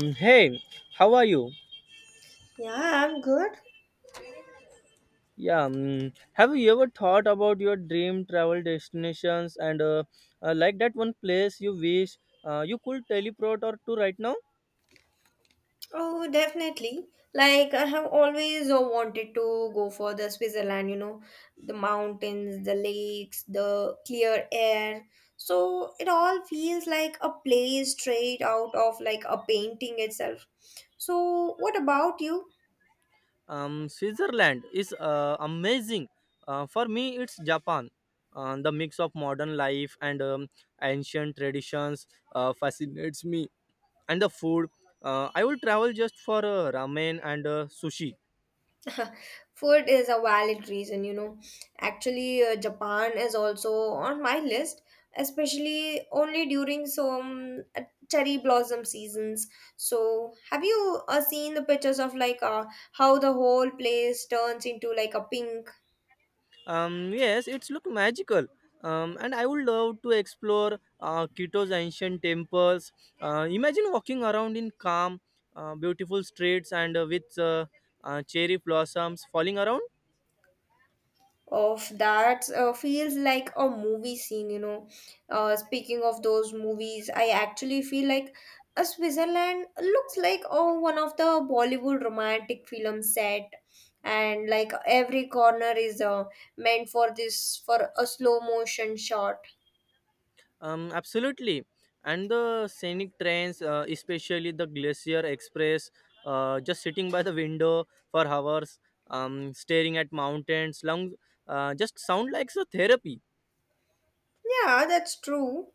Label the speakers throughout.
Speaker 1: Hey, how are you?
Speaker 2: Yeah, I'm good.
Speaker 1: Yeah, mm, have you ever thought about your dream travel destinations and like that one place you wish you could teleport or to right now?
Speaker 2: Oh, definitely. Like, I have always wanted to go for the Switzerland, the mountains, the lakes, the clear air. So it all feels like a place straight out of like a painting itself. So, what about you?
Speaker 1: Switzerland is amazing. For me, it's Japan. The mix of modern life and ancient traditions fascinates me, and the food. I will travel just for ramen and sushi.
Speaker 2: Food is a valid reason. Actually, Japan is also on my list, especially only during some cherry blossom seasons. So, have you seen the pictures of like how the whole place turns into like a pink
Speaker 1: Yes, it's look magical. And I would love to explore Quito's ancient temples. Imagine walking around in calm, beautiful streets and with cherry blossoms falling around.
Speaker 2: of that feels like a movie scene. Speaking of those movies, I actually feel like Switzerland looks like one of the Bollywood romantic film set, and like every corner is meant for this, for a slow motion shot.
Speaker 1: Absolutely. And the scenic trains, especially the Glacier Express, just sitting by the window for hours, staring at mountains, long, just sound like a therapy.
Speaker 2: Yeah, that's true.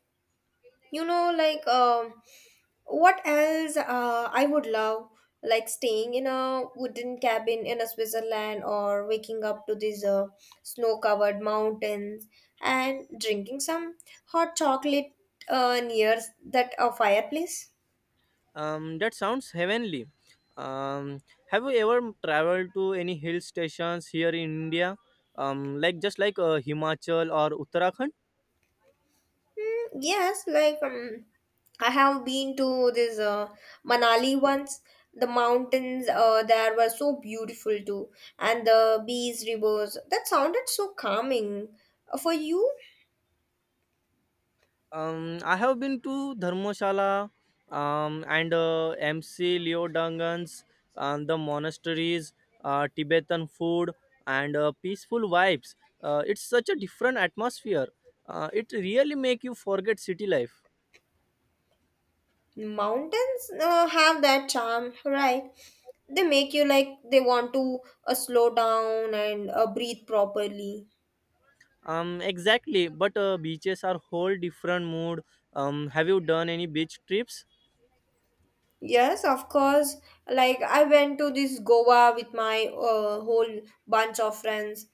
Speaker 2: Like what else I would love, like staying in a wooden cabin in a Switzerland or waking up to these snow covered mountains and drinking some hot chocolate near that fireplace.
Speaker 1: That sounds heavenly. Um, have you ever traveled to any hill stations here in India? Like just like Himachal or Uttarakhand.
Speaker 2: Mm, yes, like I have been to this Manali once. The mountains there were so beautiful too, and the bees, rivers. That sounded so calming. For you,
Speaker 1: I have been to Dharmshala and MC Leo Dangans, the monasteries, Tibetan food, and peaceful vibes. It's such a different atmosphere. It really make you forget city life.
Speaker 2: mountains have that charm, right? They make you like they want to slow down and breathe properly.
Speaker 1: Exactly. But beaches are whole different mood. Have you done any beach trips?
Speaker 2: Yes, of course. Like I went to this Goa with my whole bunch of friends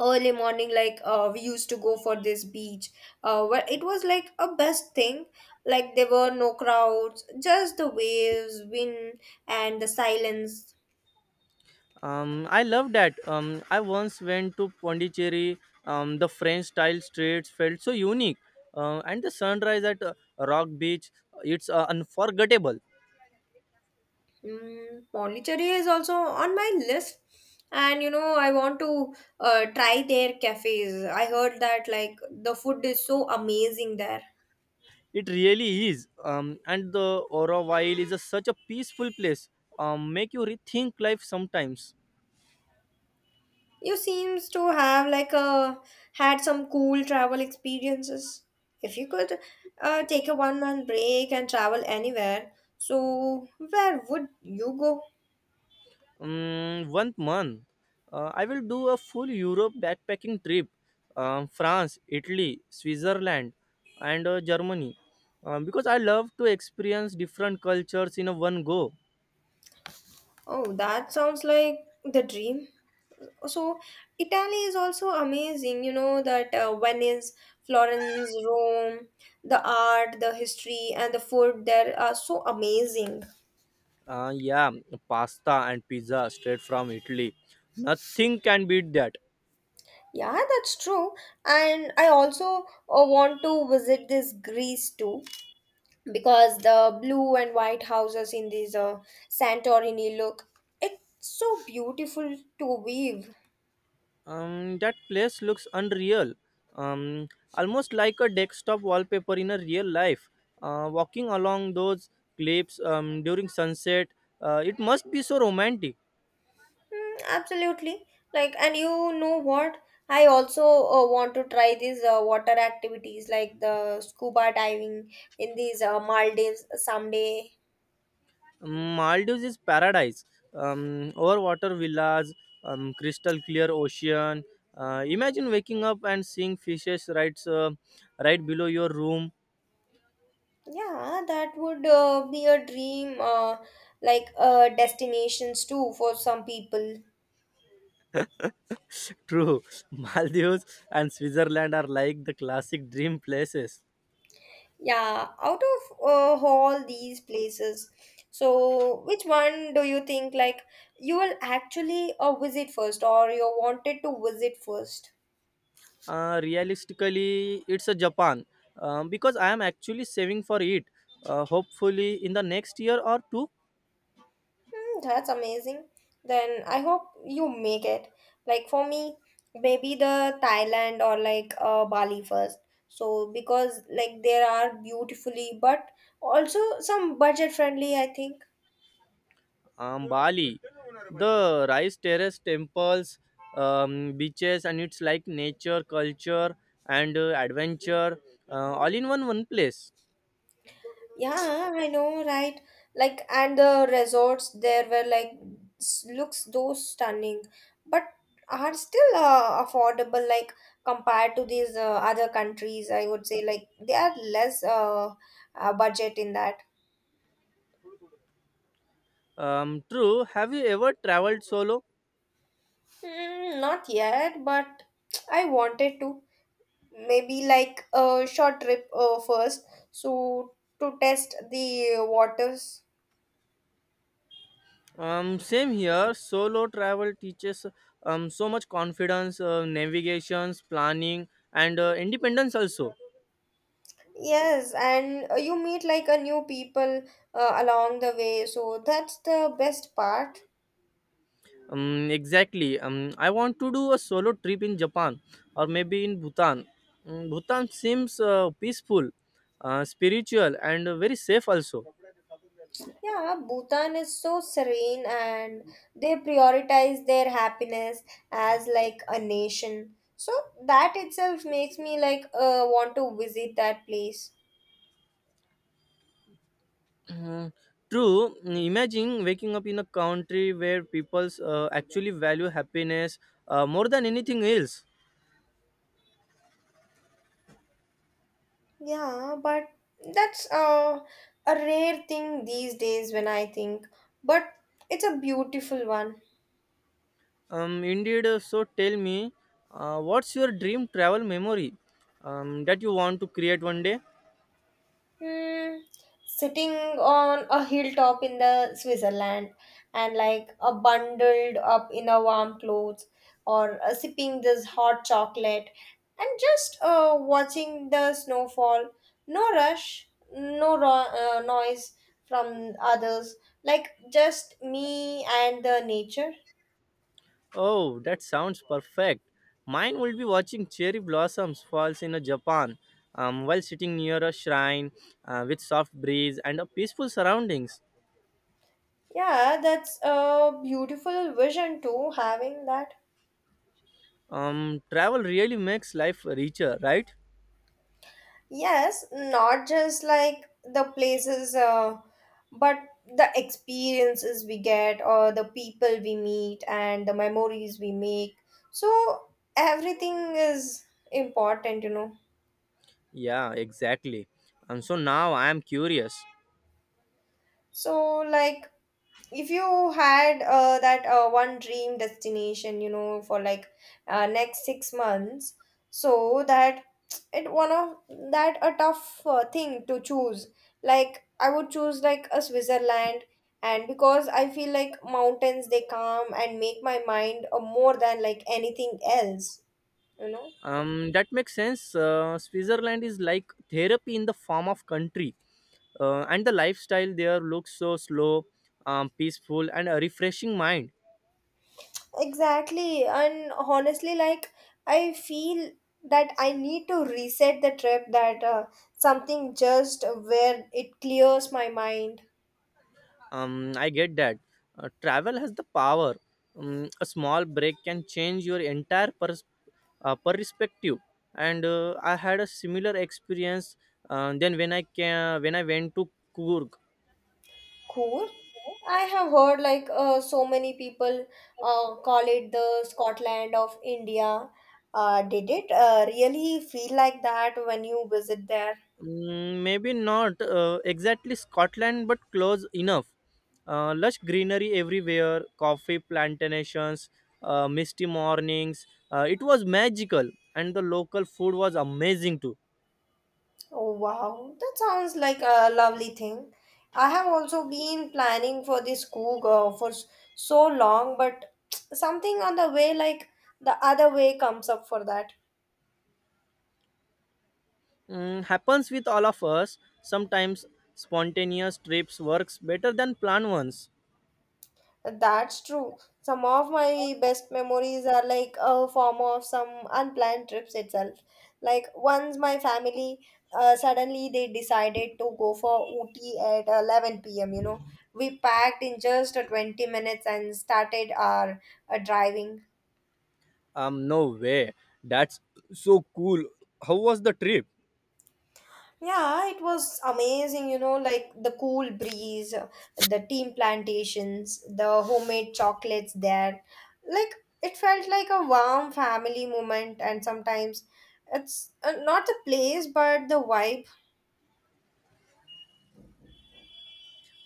Speaker 2: early morning, like we used to go for this beach where it was like a best thing, like there were no crowds, just the waves, wind, and the silence.
Speaker 1: I love that. I once went to Pondicherry. The French style streets felt so unique, and the sunrise at Rock Beach, it's unforgettable.
Speaker 2: Pondicherry is also on my list, and I want to try their cafes. I heard that like the food is so amazing there.
Speaker 1: It really is. And the Oroville is a, such a peaceful place. Make you rethink life sometimes.
Speaker 2: You seems to have like a had some cool travel experiences. If you could take a one month break and travel anywhere, so where would you go?
Speaker 1: One month, I will do a full Europe backpacking trip, France, Italy, Switzerland, and Germany, because I love to experience different cultures in a one go.
Speaker 2: Oh, that sounds like the dream. So Italy is also amazing. You know that Venice, Florence, Rome, the art, the history, and the food there are so amazing.
Speaker 1: Yeah, pasta and pizza straight from Italy, nothing can beat that.
Speaker 2: Yeah, that's true. And I also want to visit this Greece too, because the blue and white houses in this Santorini look, it's so beautiful to weave.
Speaker 1: That place looks unreal, um, almost like a desktop wallpaper in a real life. Walking along those cliffs during sunset, it must be so romantic.
Speaker 2: Mm, absolutely. Like, and you know what? I also want to try these water activities like the scuba diving in these Maldives someday.
Speaker 1: Maldives is paradise. Over water villas, crystal clear ocean. Imagine waking up and seeing fishes right, right below your room.
Speaker 2: Yeah, that would be a dream like destinations too for some people.
Speaker 1: True, Maldives and Switzerland are like the classic dream places.
Speaker 2: Yeah, out of all these places, so which one do you think like you will actually visit first, or you wanted to visit first?
Speaker 1: Realistically, it's a Japan because I am actually saving for it. Hopefully, in the next year or two,
Speaker 2: Hmm, that's amazing. Then I hope you make it. Like for me, maybe the Thailand, or like Bali first. So because like there are beautifully, but also some budget friendly, I think.
Speaker 1: Bali, the rice terrace temples, beaches, and it's like nature, culture, and adventure all in one place.
Speaker 2: Yeah, I know, right? Like, and the resorts there were like looks those stunning, but are still affordable. Like compared to these other countries, I would say like they are less budget in that.
Speaker 1: True. Have you ever traveled solo?
Speaker 2: Mm, not yet, but I wanted to maybe like a short trip first, so to test the waters.
Speaker 1: Same here. Solo travel teaches so much confidence, navigations, planning, and independence also.
Speaker 2: Yes, and you meet like a new people along the way, so that's the best part.
Speaker 1: Exactly. I want to do a solo trip in Japan or maybe in Bhutan. Bhutan seems peaceful, spiritual, and very safe also.
Speaker 2: Yeah, Bhutan is so serene, and they prioritize their happiness as like a nation. So that itself makes me like want to visit that place.
Speaker 1: Mm, True. Imagine waking up in a country where people actually value happiness more than anything else.
Speaker 2: Yeah, but that's a rare thing these days when I think, but it's a beautiful one.
Speaker 1: Indeed, so tell me, what's your dream travel memory that you want to create one day?
Speaker 2: Hmm, sitting on a hilltop in the Switzerland and like a bundled up in a warm clothes, or sipping this hot chocolate and just watching the snowfall. No rush, no noise from others, like just me and the nature.
Speaker 1: Oh, that sounds perfect. Mine will be watching cherry blossoms falls in a Japan while sitting near a shrine with soft breeze and a peaceful surroundings.
Speaker 2: Yeah, that's a beautiful vision too, having that.
Speaker 1: Travel really makes life richer, right?
Speaker 2: Yes, not just like the places, but the experiences we get, or the people we meet, and the memories we make. So, everything is important.
Speaker 1: Yeah, exactly. So now I am curious.
Speaker 2: So, like, if you had that one dream destination for like next 6 months, so that it one of that a tough thing to choose. Like I would choose like a Switzerland, and because I feel like mountains, they calm and make my mind more than like anything else you know
Speaker 1: That makes sense. Switzerland is like therapy in the form of country, and the lifestyle there looks so slow, peaceful, and a refreshing mind.
Speaker 2: Exactly. And honestly, like, I feel that I need to reset the trip, that something just where it clears my mind.
Speaker 1: I get that. Travel has the power. A small break can change your entire pers- perspective. And I had a similar experience. Then when I went to Coorg.
Speaker 2: Cool. I have heard, like, so many people call it the Scotland of India. Did it really feel like that when you visit there?
Speaker 1: Maybe not exactly Scotland, but close enough. Lush greenery everywhere, coffee plantations, misty mornings. It was magical, and the local food was amazing too.
Speaker 2: Oh wow, that sounds like a lovely thing. I have also been planning for this coup for so long, but something on the way, like the other way, comes up for that.
Speaker 1: Happens with all of us. Sometimes spontaneous trips works better than planned ones.
Speaker 2: That's true. Some of my best memories are like a form of some unplanned trips itself. Like once my family suddenly they decided to go for Ooty at 11 p.m. We packed in just 20 minutes and started our driving.
Speaker 1: No way. That's so cool. How was the trip?
Speaker 2: Yeah, it was amazing, like the cool breeze, the team plantations, the homemade chocolates there. Like it felt like a warm family moment, and sometimes it's not the place but the vibe.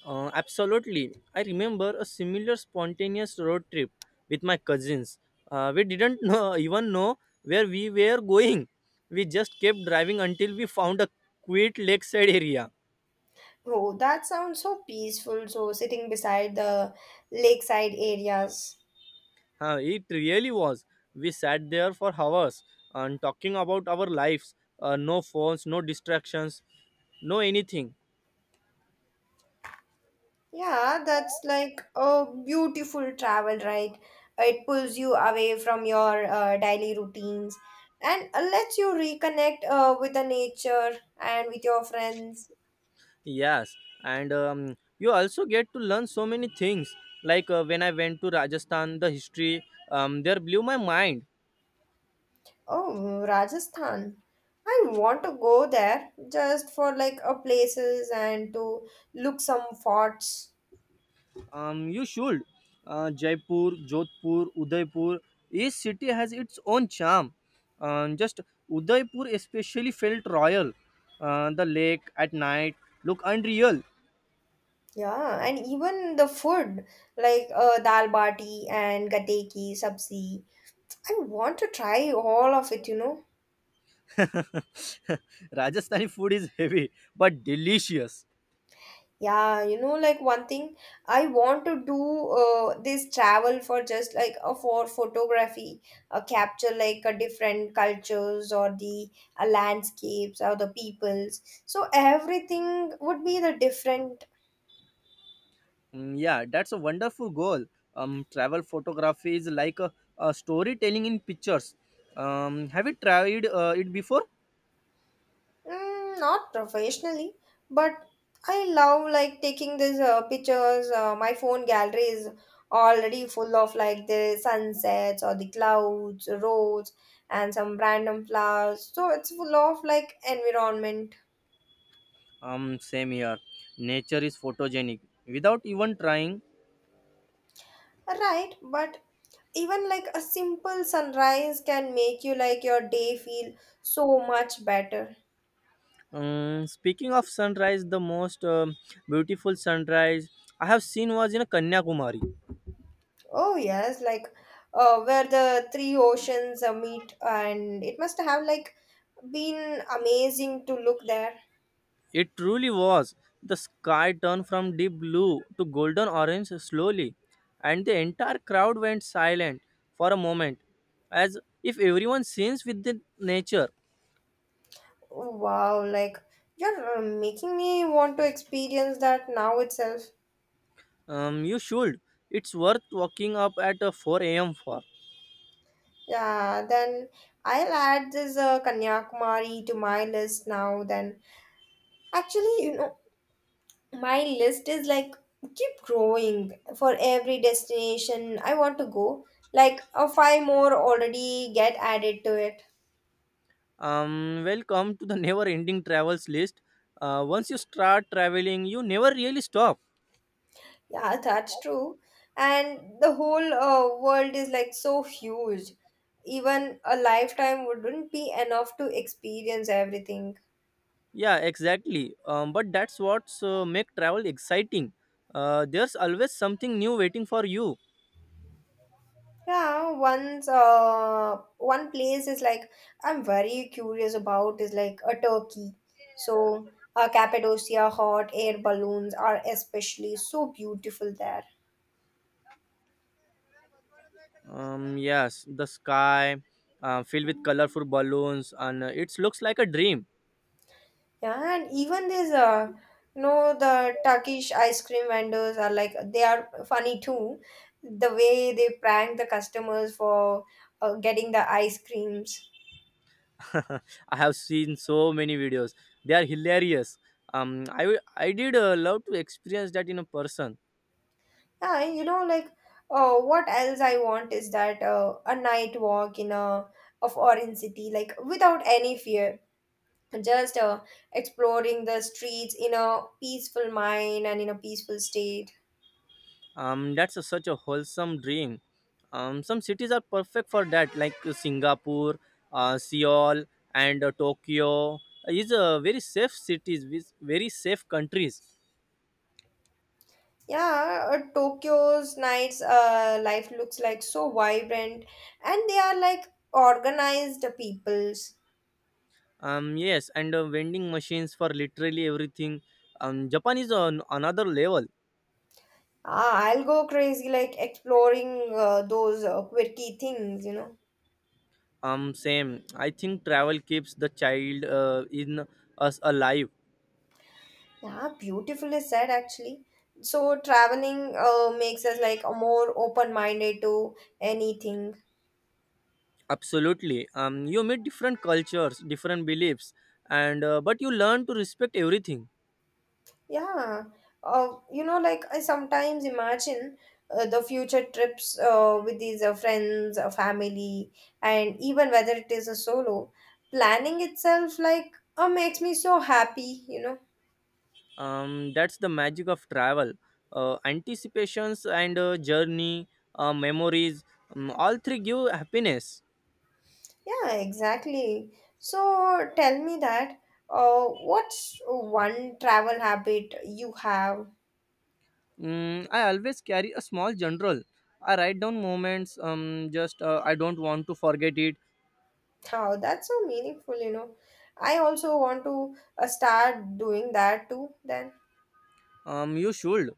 Speaker 1: Absolutely. I remember a similar spontaneous road trip with my cousins. We didn't even know where we were going. We just kept driving until we found a quiet lakeside area.
Speaker 2: Oh, that sounds so peaceful. So, sitting beside the lakeside areas.
Speaker 1: Huh, it really was. We sat there for hours and talking about our lives. No phones, no distractions, no anything.
Speaker 2: Yeah, that's like a beautiful travel, right? It pulls you away from your daily routines, and lets you reconnect with the nature and with your friends.
Speaker 1: Yes, and you also get to learn so many things. Like when I went to Rajasthan, the history there blew my mind.
Speaker 2: Oh, Rajasthan. I want to go there just for like a places and to look some forts.
Speaker 1: You should. Jaipur, Jodhpur, Udaipur. Each city has its own charm. Just Udaipur especially felt royal. The lake at night look unreal.
Speaker 2: Yeah, and even the food, like dal bati and gateki, sabzi. I want to try all of it.
Speaker 1: Rajasthani food is heavy but delicious.
Speaker 2: Yeah, like one thing I want to do this travel for, just like a for photography, capture like a different cultures, or the landscapes or the peoples. So everything would be the different.
Speaker 1: Yeah, that's a wonderful goal. Travel photography is like a storytelling in pictures. Have you tried it before?
Speaker 2: Mm, not professionally, but I love like taking these pictures. My phone gallery is already full of like the sunsets or the clouds, roads, and some random flowers. So it's full of like environment.
Speaker 1: Same here. Nature is photogenic without even trying.
Speaker 2: Right, but even like a simple sunrise can make you like your day feel so much better.
Speaker 1: Speaking of sunrise, the most beautiful sunrise I have seen was in Kanyakumari.
Speaker 2: Oh yes, like where the three oceans meet, and it must have like been amazing to look there.
Speaker 1: It truly was. The sky turned from deep blue to golden orange slowly, and the entire crowd went silent for a moment, as if everyone sings with the nature.
Speaker 2: Oh, Wow, like you're making me want to experience that now itself.
Speaker 1: You should. It's worth waking up at 4 a.m. for.
Speaker 2: Yeah, then I'll add this Kanyakumari to my list now. Then actually, my list is like keep growing for every destination I want to go. Like five more already get added to it.
Speaker 1: Welcome to the never-ending travels list. Once you start traveling, you never really stop.
Speaker 2: Yeah, that's true. And the whole world is like so huge. Even a lifetime wouldn't be enough to experience everything.
Speaker 1: Yeah, exactly. But that's what's make travel exciting. There's always something new waiting for you.
Speaker 2: Yeah, once one place is like I'm very curious about is like a Turkey. So, Cappadocia hot air balloons are especially so beautiful there.
Speaker 1: Yes, the sky filled with colorful balloons, and it looks like a dream.
Speaker 2: Yeah, and even these, the Turkish ice cream vendors are like they are funny too. The way they prank the customers for getting the ice creams.
Speaker 1: I have seen so many videos; they are hilarious. I did love to experience that in a person.
Speaker 2: Yeah, like what else I want is that a night walk in a of Orange City, like without any fear, just exploring the streets in a peaceful mind and in a peaceful state.
Speaker 1: That's such a wholesome dream. Some cities are perfect for that, like Singapore, Seoul, and Tokyo. Is very safe cities with very safe countries.
Speaker 2: Yeah, Tokyo's nights life looks like so vibrant, and they are like organized peoples.
Speaker 1: Yes, and vending machines for literally everything. Japan is on another level.
Speaker 2: Ah, I'll go crazy like exploring those quirky things.
Speaker 1: Same. I think travel keeps the child in us alive.
Speaker 2: Yeah, beautifully said actually. So traveling makes us like more open-minded to anything.
Speaker 1: Absolutely. You meet different cultures, different beliefs, and but you learn to respect everything.
Speaker 2: Yeah, like I sometimes imagine the future trips with these friends, family, and even whether it is a solo, planning itself like makes me so happy.
Speaker 1: That's the magic of travel. Anticipations and journey, memories. All three give happiness.
Speaker 2: Yeah, exactly. So tell me that what's one travel habit you have?
Speaker 1: I always carry a small journal. I write down moments. Just I don't want to forget it.
Speaker 2: Oh, that's so meaningful. I also want to start doing that too then.
Speaker 1: You should.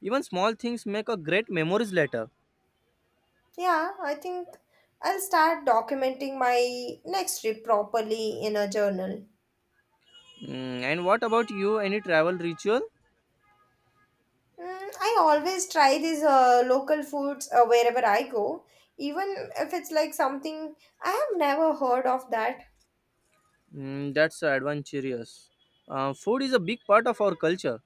Speaker 1: Even small things make a great memories later.
Speaker 2: Yeah, I think I'll start documenting my next trip properly in a journal.
Speaker 1: And what about you? Any travel ritual?
Speaker 2: Mm, I always try these local foods wherever I go, even if it's like something I have never heard of that.
Speaker 1: That's adventurous. Food is a big part of our culture.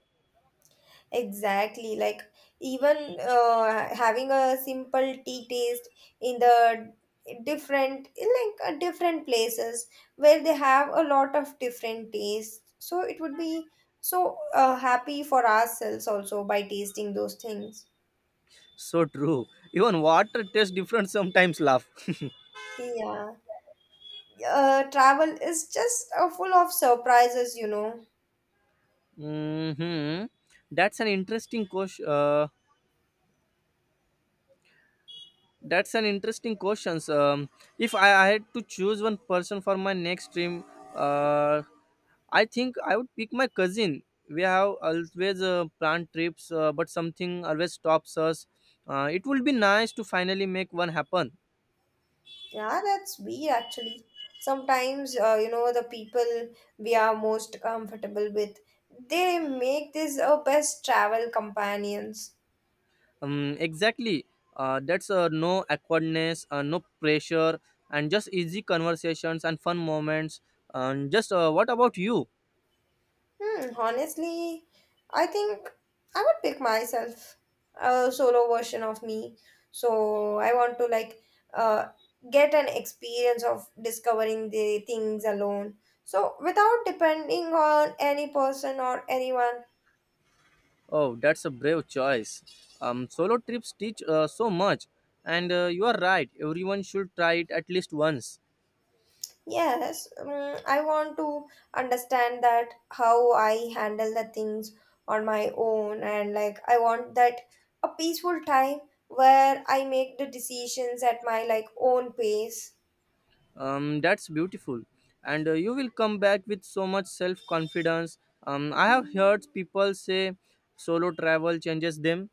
Speaker 2: Exactly, like even having a simple tea taste in the different, in like different places where they have a lot of different tastes. So it would be so happy for ourselves also by tasting those things.
Speaker 1: So true. Even water tastes different sometimes. Laugh.
Speaker 2: Yeah, travel is just full of surprises.
Speaker 1: hmm That's an interesting question. So, um, if I had to choose one person for my next dream, uh, I think I would pick my cousin. We have always planned trips, but something always stops us. It would be nice to finally make one happen.
Speaker 2: Yeah, that's weird actually. Sometimes, the people we are most comfortable with, they make this our best travel companions.
Speaker 1: Exactly. That's no awkwardness, no pressure, and just easy conversations and fun moments. And just what about you?
Speaker 2: Hmm, honestly, I think I would pick myself a solo version of me. So I want to uh, get an experience of discovering the things alone. So without depending on any person or anyone.
Speaker 1: Oh, that's a brave choice. Solo trips teach so much, and you are right. Everyone should try it at least once.
Speaker 2: Yes, I want to understand that how I handle the things on my own, and like I want that a peaceful time where I make the decisions at my like own pace.
Speaker 1: That's beautiful, and you will come back with so much self confidence. I have heard people say solo travel changes them.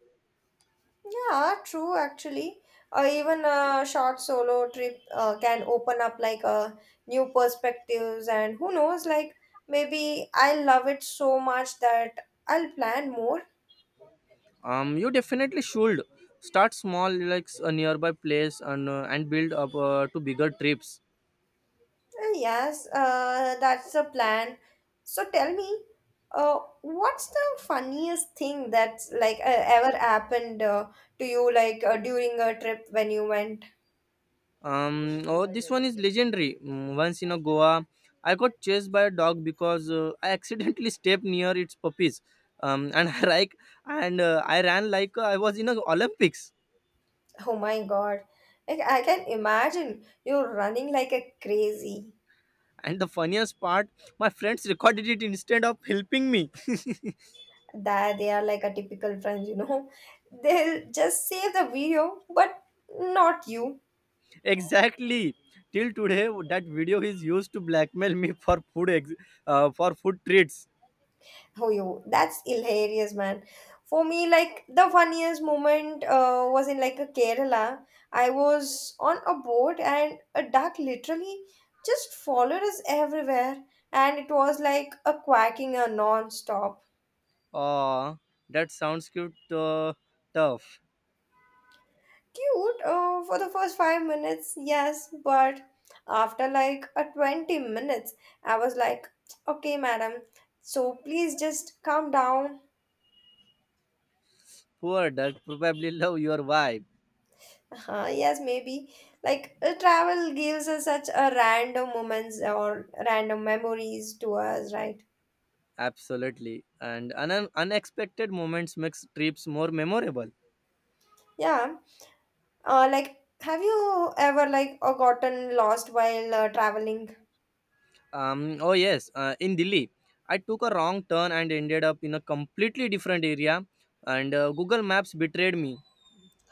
Speaker 2: Yeah, true actually. Or even a short solo trip can open up like a new perspectives, and who knows, like maybe I love it so much that I'll plan more
Speaker 1: You definitely should start small, like a nearby place, and build up to bigger trips.
Speaker 2: Yes, that's the plan. So tell me, what's the funniest thing that's like ever happened to you, like during a trip when you went?
Speaker 1: Oh, this one is legendary. Once in a Goa, I got chased by a dog because I accidentally stepped near its puppies, um, and I like and I ran like I was in a Olympics.
Speaker 2: Oh my God, like I can imagine you're running like a crazy.
Speaker 1: And the funniest part, my friends recorded it instead of helping me.
Speaker 2: That they are like a typical friends, you know. They'll just save the video, but not you.
Speaker 1: Exactly. Till today, that video is used to blackmail me for food treats.
Speaker 2: Oh, yo, that's hilarious, man. For me, like the funniest moment was in like a Kerala. I was on a boat and a duck literally just followed us everywhere, and it was like a quacking a non-stop.
Speaker 1: Ah, that sounds cute. Tough.
Speaker 2: Cute for the first 5 minutes, yes, but after like a 20 minutes, I was like, okay, madam, so please just calm down
Speaker 1: Poor duck probably love your vibe.
Speaker 2: Yes, maybe. Like travel gives us such a random moments or random memories to us, right?
Speaker 1: Absolutely. And unexpected moments makes trips more memorable.
Speaker 2: Yeah. Like, have you ever like gotten lost while traveling?
Speaker 1: Oh yes, in Delhi, I took a wrong turn and ended up in a completely different area, and Google Maps betrayed me.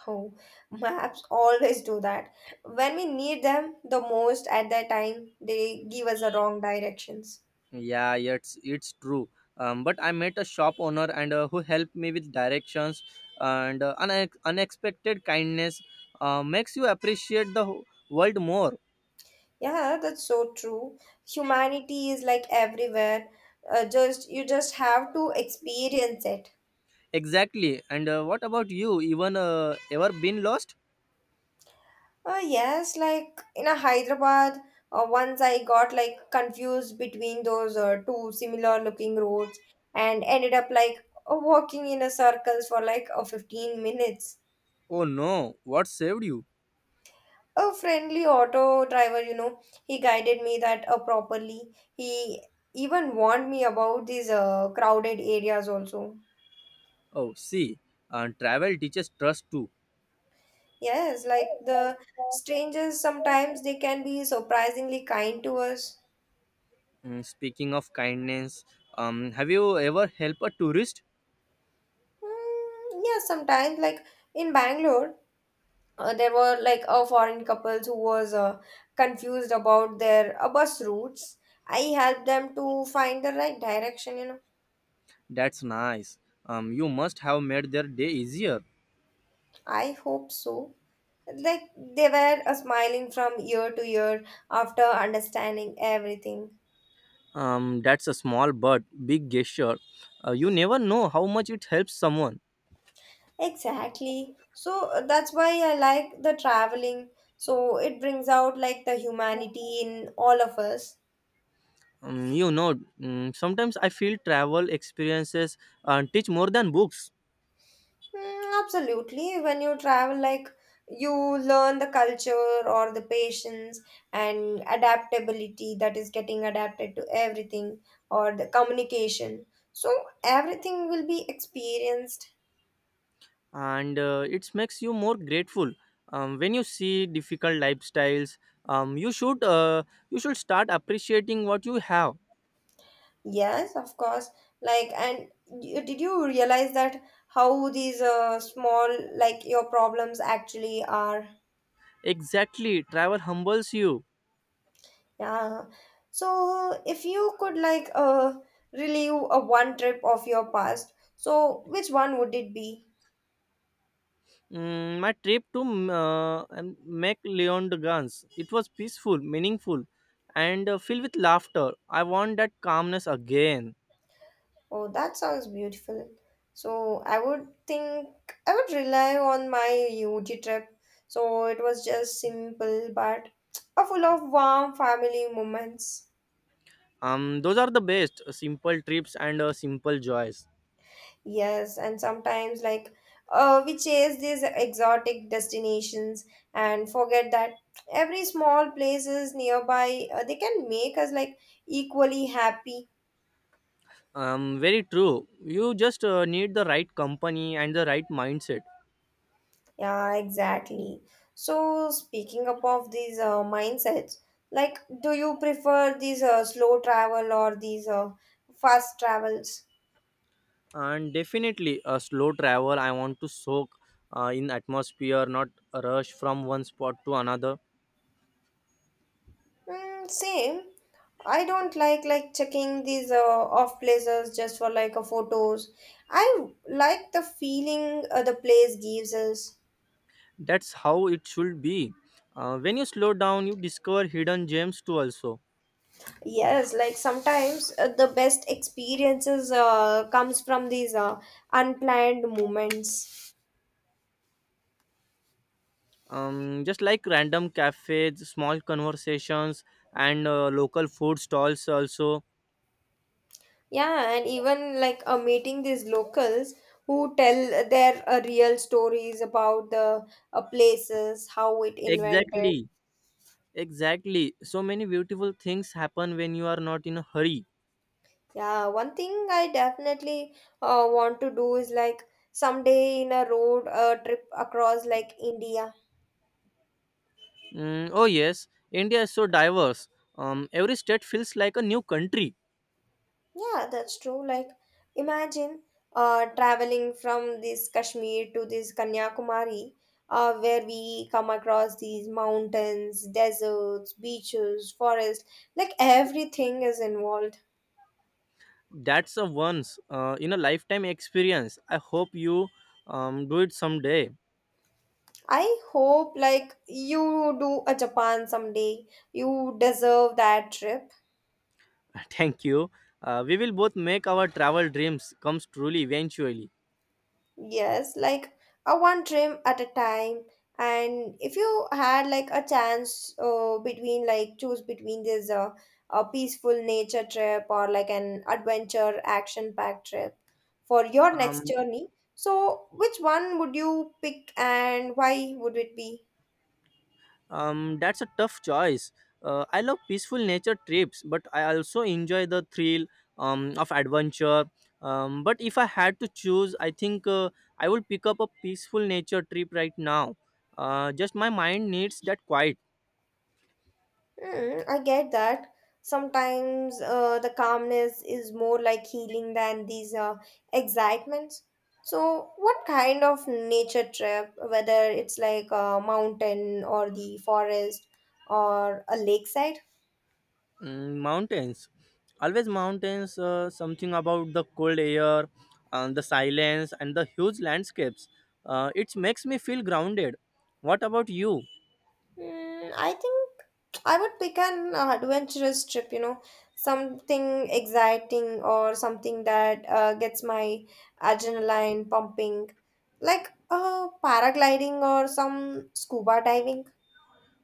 Speaker 2: Oh, maps always do that. When we need them the most at that time, they give us the wrong directions.
Speaker 1: Yeah, it's true. But I met a shop owner and who helped me with directions and unexpected kindness makes you appreciate the world more.
Speaker 2: Yeah, that's so true. Humanity is like everywhere. Just you just have to experience it.
Speaker 1: Exactly. And what about you? Even Ever been lost?
Speaker 2: Yes, like in a Hyderabad, once I got like confused between those two similar looking roads and ended up like walking in a circles for like 15 minutes.
Speaker 1: Oh no! What saved you?
Speaker 2: A friendly auto driver, you know, he guided me that properly. He even warned me about these crowded areas also.
Speaker 1: Oh, see, travel teaches trust too.
Speaker 2: Yes, like the strangers sometimes they can be surprisingly kind to us.
Speaker 1: Speaking of kindness, have you ever helped a tourist?
Speaker 2: Mm, yeah, sometimes like in Bangalore there were like a foreign couples who was confused about their bus routes. I helped them to find the right direction, you know.
Speaker 1: That's nice. You must have made their day easier.
Speaker 2: I hope so, like they were smiling from ear to ear after understanding everything.
Speaker 1: That's a small but big gesture. You never know how much it helps someone.
Speaker 2: Exactly, so that's why I like the traveling, so it brings out like the humanity in all of us.
Speaker 1: You know, sometimes I feel travel experiences teach more than books.
Speaker 2: Mm, absolutely. When you travel, like you learn the culture or the patience and adaptability that is getting adapted to everything or the communication. So everything will be experienced.
Speaker 1: And It makes you more grateful when you see difficult lifestyles. You should you should start appreciating what you have.
Speaker 2: Yes, of course. Like, and did you realize that how these small like your problems actually are?
Speaker 1: Exactly, travel humbles you.
Speaker 2: Yeah. So if you could like relive a one trip of your past, so which one would it be?
Speaker 1: Mm, my trip to and Mac Leon de Gans, it was peaceful, meaningful, and filled with laughter. I want that calmness again.
Speaker 2: Oh, that sounds beautiful. So I would think I would rely on my UG trip. So it was just simple but a full of warm family moments.
Speaker 1: Those are the best, simple trips and simple joys.
Speaker 2: Yes, and sometimes like we chase these exotic destinations and forget that every small places nearby they can make us like equally happy.
Speaker 1: Very true. You just need the right company and the right mindset.
Speaker 2: Yeah, exactly. So speaking up of these mindsets, like do you prefer these slow travel or these fast travels?
Speaker 1: And Definitely a slow travel. I want to soak in atmosphere, not rush from one spot to another.
Speaker 2: Mm, same. I don't like checking these off places just for like a photos. I like the feeling the place gives us.
Speaker 1: That's how it should be. When you slow down, you discover hidden gems too, also.
Speaker 2: Yes, like sometimes the best experiences comes from these unplanned moments.
Speaker 1: Just like random cafes, small conversations, and local food stalls also.
Speaker 2: Yeah, and even like meeting these locals who tell their real stories about the places, how it invented.
Speaker 1: exactly exactly, so many beautiful things happen when you are not in a hurry.
Speaker 2: Yeah, one thing I definitely want to do is like someday in a road trip across like India.
Speaker 1: Mm, oh yes, india is so diverse. Every state feels like a new country.
Speaker 2: Yeah, that's true. Like imagine traveling from this Kashmir to this Kanyakumari, where we come across these mountains, deserts, beaches, forests, like everything is involved.
Speaker 1: That's a once in a lifetime experience. I hope you do it someday.
Speaker 2: I hope like you do a Japan someday. You deserve that trip.
Speaker 1: Thank you. We will both make our travel dreams comes truly eventually.
Speaker 2: Yes, like a one trim at a time. And if you had like a chance between like choose between this a peaceful nature trip or like an adventure action packed trip for your next
Speaker 1: um,
Speaker 2: journey, so which one would you pick and why would it be?
Speaker 1: that's a tough choice. I love peaceful nature trips, but I also enjoy the thrill of adventure. But if I had to choose, I think I will pick up a peaceful nature trip right now. Just my mind needs that quiet.
Speaker 2: Mm, I get that. Sometimes the calmness is more like healing than these excitements. So, what kind of nature trip, whether it's like a mountain or the forest or a lakeside?
Speaker 1: Mm, mountains. Always mountains, something about the cold air, and the silence, and the huge landscapes. It makes me feel grounded. What about you?
Speaker 2: Mm, I think I would pick an adventurous trip, you know, something exciting or something that gets my adrenaline pumping, like paragliding or some scuba diving.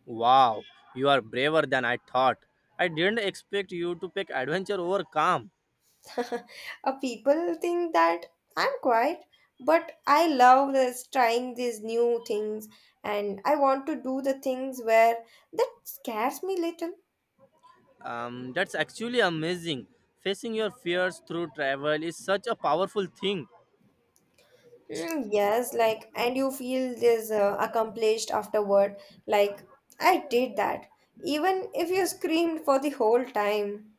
Speaker 1: Wow, you are braver than I thought. I didn't expect you to pick adventure over calm.
Speaker 2: people think that I'm quiet, but I love this trying these new things, and I want to do the things where that scares me little.
Speaker 1: That's actually amazing. Facing your fears through travel is such a powerful thing.
Speaker 2: Mm, yes, like, and you feel this accomplished afterward. Like, I did that. Even if you screamed for the whole time,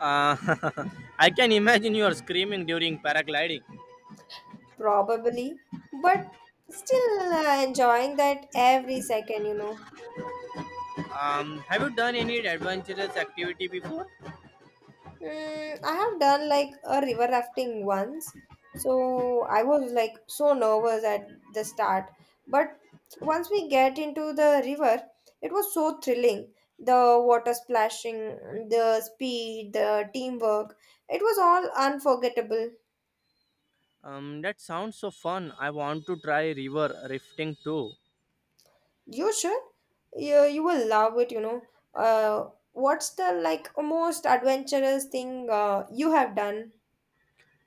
Speaker 1: Uh, I can imagine you are screaming during paragliding.
Speaker 2: probably, but still enjoying that every second, you know.
Speaker 1: Have you done any adventurous activity before?
Speaker 2: Mm, I have done like a river rafting once. So I was like so nervous at the start. But once we get into the river, it was so thrilling. The water splashing, the speed, the teamwork. It was all unforgettable.
Speaker 1: That sounds so fun. I want to try river rafting too.
Speaker 2: You should. You will love it, you know. Uh, what's the like most adventurous thing you have done?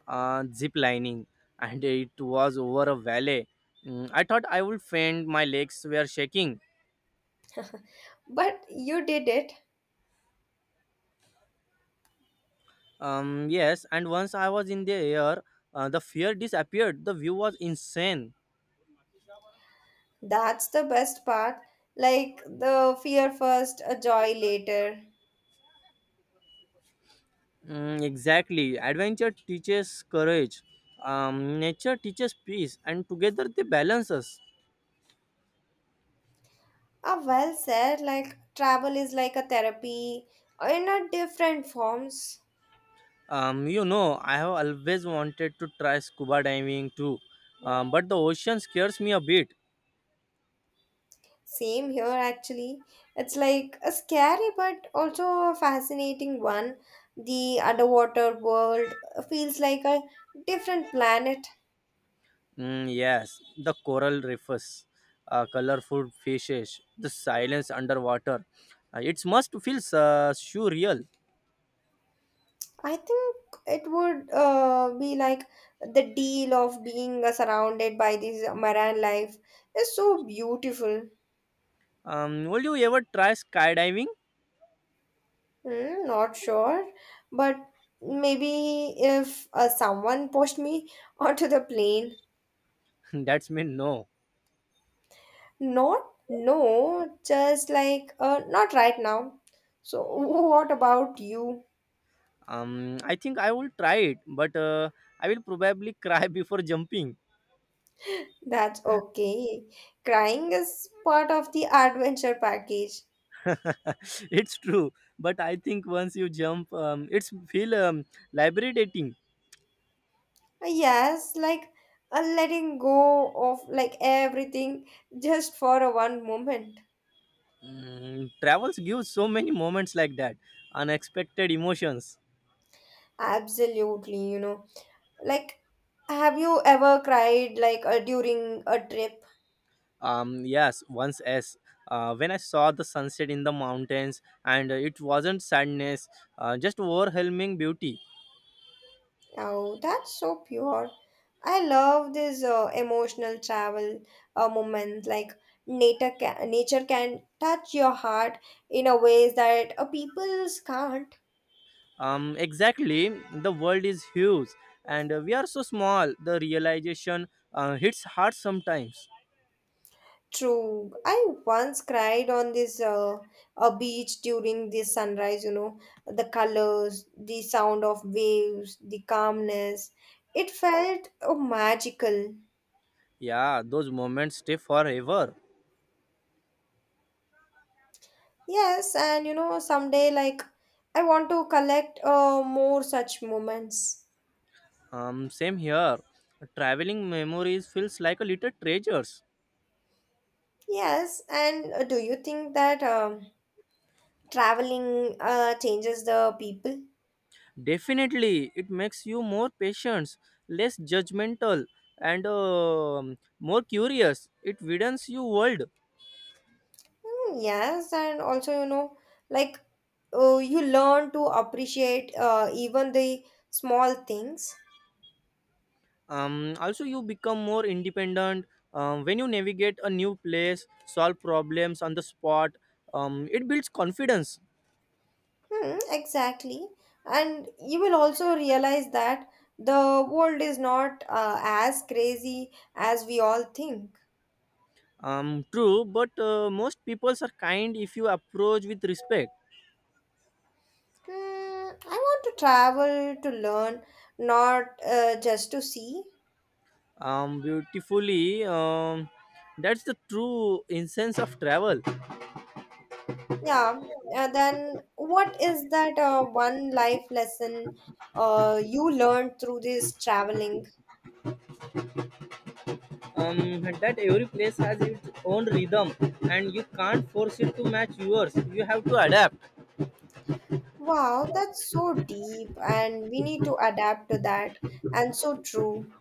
Speaker 1: Uh, zip lining, and it was over a valley. Mm, I thought I would faint. My legs were shaking.
Speaker 2: But you did it.
Speaker 1: Yes, and once I was in the air, the fear disappeared. The view was insane.
Speaker 2: That's the best part. Like the fear first, a joy later.
Speaker 1: Mm, exactly. Adventure teaches courage. Nature teaches peace, and together they balance us.
Speaker 2: Ah, well said. Like travel is like a therapy in a different forms.
Speaker 1: You know, I have always wanted to try scuba diving too, but the ocean scares me a bit.
Speaker 2: Same here, actually. It's like a scary but also a fascinating one. The underwater world feels like a different planet.
Speaker 1: Mm, yes, the coral reefs, colorful fishes, the silence underwater. It must feel surreal.
Speaker 2: I think it would be like the deal of being surrounded by this marine life is so beautiful.
Speaker 1: Will you ever try skydiving?
Speaker 2: Hmm, not sure, but maybe if someone pushed me onto the plane.
Speaker 1: That's me, no.
Speaker 2: Not, no, just like, not right now. So, what about you?
Speaker 1: I think I will try it, but I will probably cry before jumping.
Speaker 2: That's okay. Crying is part of the adventure package.
Speaker 1: It's true, but I think once you jump, it's feel liberating.
Speaker 2: Yes, like letting go of like everything just for a one moment.
Speaker 1: Mm, travels give so many moments like that, unexpected emotions.
Speaker 2: Absolutely, you know. Like, have you ever cried like during a trip?
Speaker 1: Yes, once, as when I saw the sunset in the mountains, and it wasn't sadness, just overwhelming beauty.
Speaker 2: Oh, that's so pure. I love this emotional travel moment. Like nature can touch your heart in a ways that people's can't.
Speaker 1: Exactly, the world is huge, and we are so small. The realization hits hard sometimes.
Speaker 2: True. I once cried on this a beach during the sunrise, you know, the colors, the sound of waves, the calmness. It felt oh, magical.
Speaker 1: Yeah, those moments stay forever.
Speaker 2: Yes, and you know, someday like I want to collect more such moments.
Speaker 1: Same here. Traveling memories feels like a little treasures.
Speaker 2: Yes, and do you think that traveling changes the people?
Speaker 1: Definitely, it makes you more patient, less judgmental, and more curious. It widens your world.
Speaker 2: Mm, yes, and also, you know, like you learn to appreciate even the small things.
Speaker 1: Also, you become more independent, when you navigate a new place, solve problems on the spot. It builds confidence.
Speaker 2: Hmm, exactly. And you will also realize that the world is not as crazy as we all think.
Speaker 1: True, but most people are kind if you approach with respect.
Speaker 2: Hmm, I want to travel to learn, not just to see.
Speaker 1: Beautifully, that's the true essence of travel.
Speaker 2: Yeah, then what is that one life lesson you learned through this traveling?
Speaker 1: That every place has its own rhythm, and you can't force it to match yours. You have to adapt.
Speaker 2: Wow, that's so deep, and we need to adapt to that, and so true.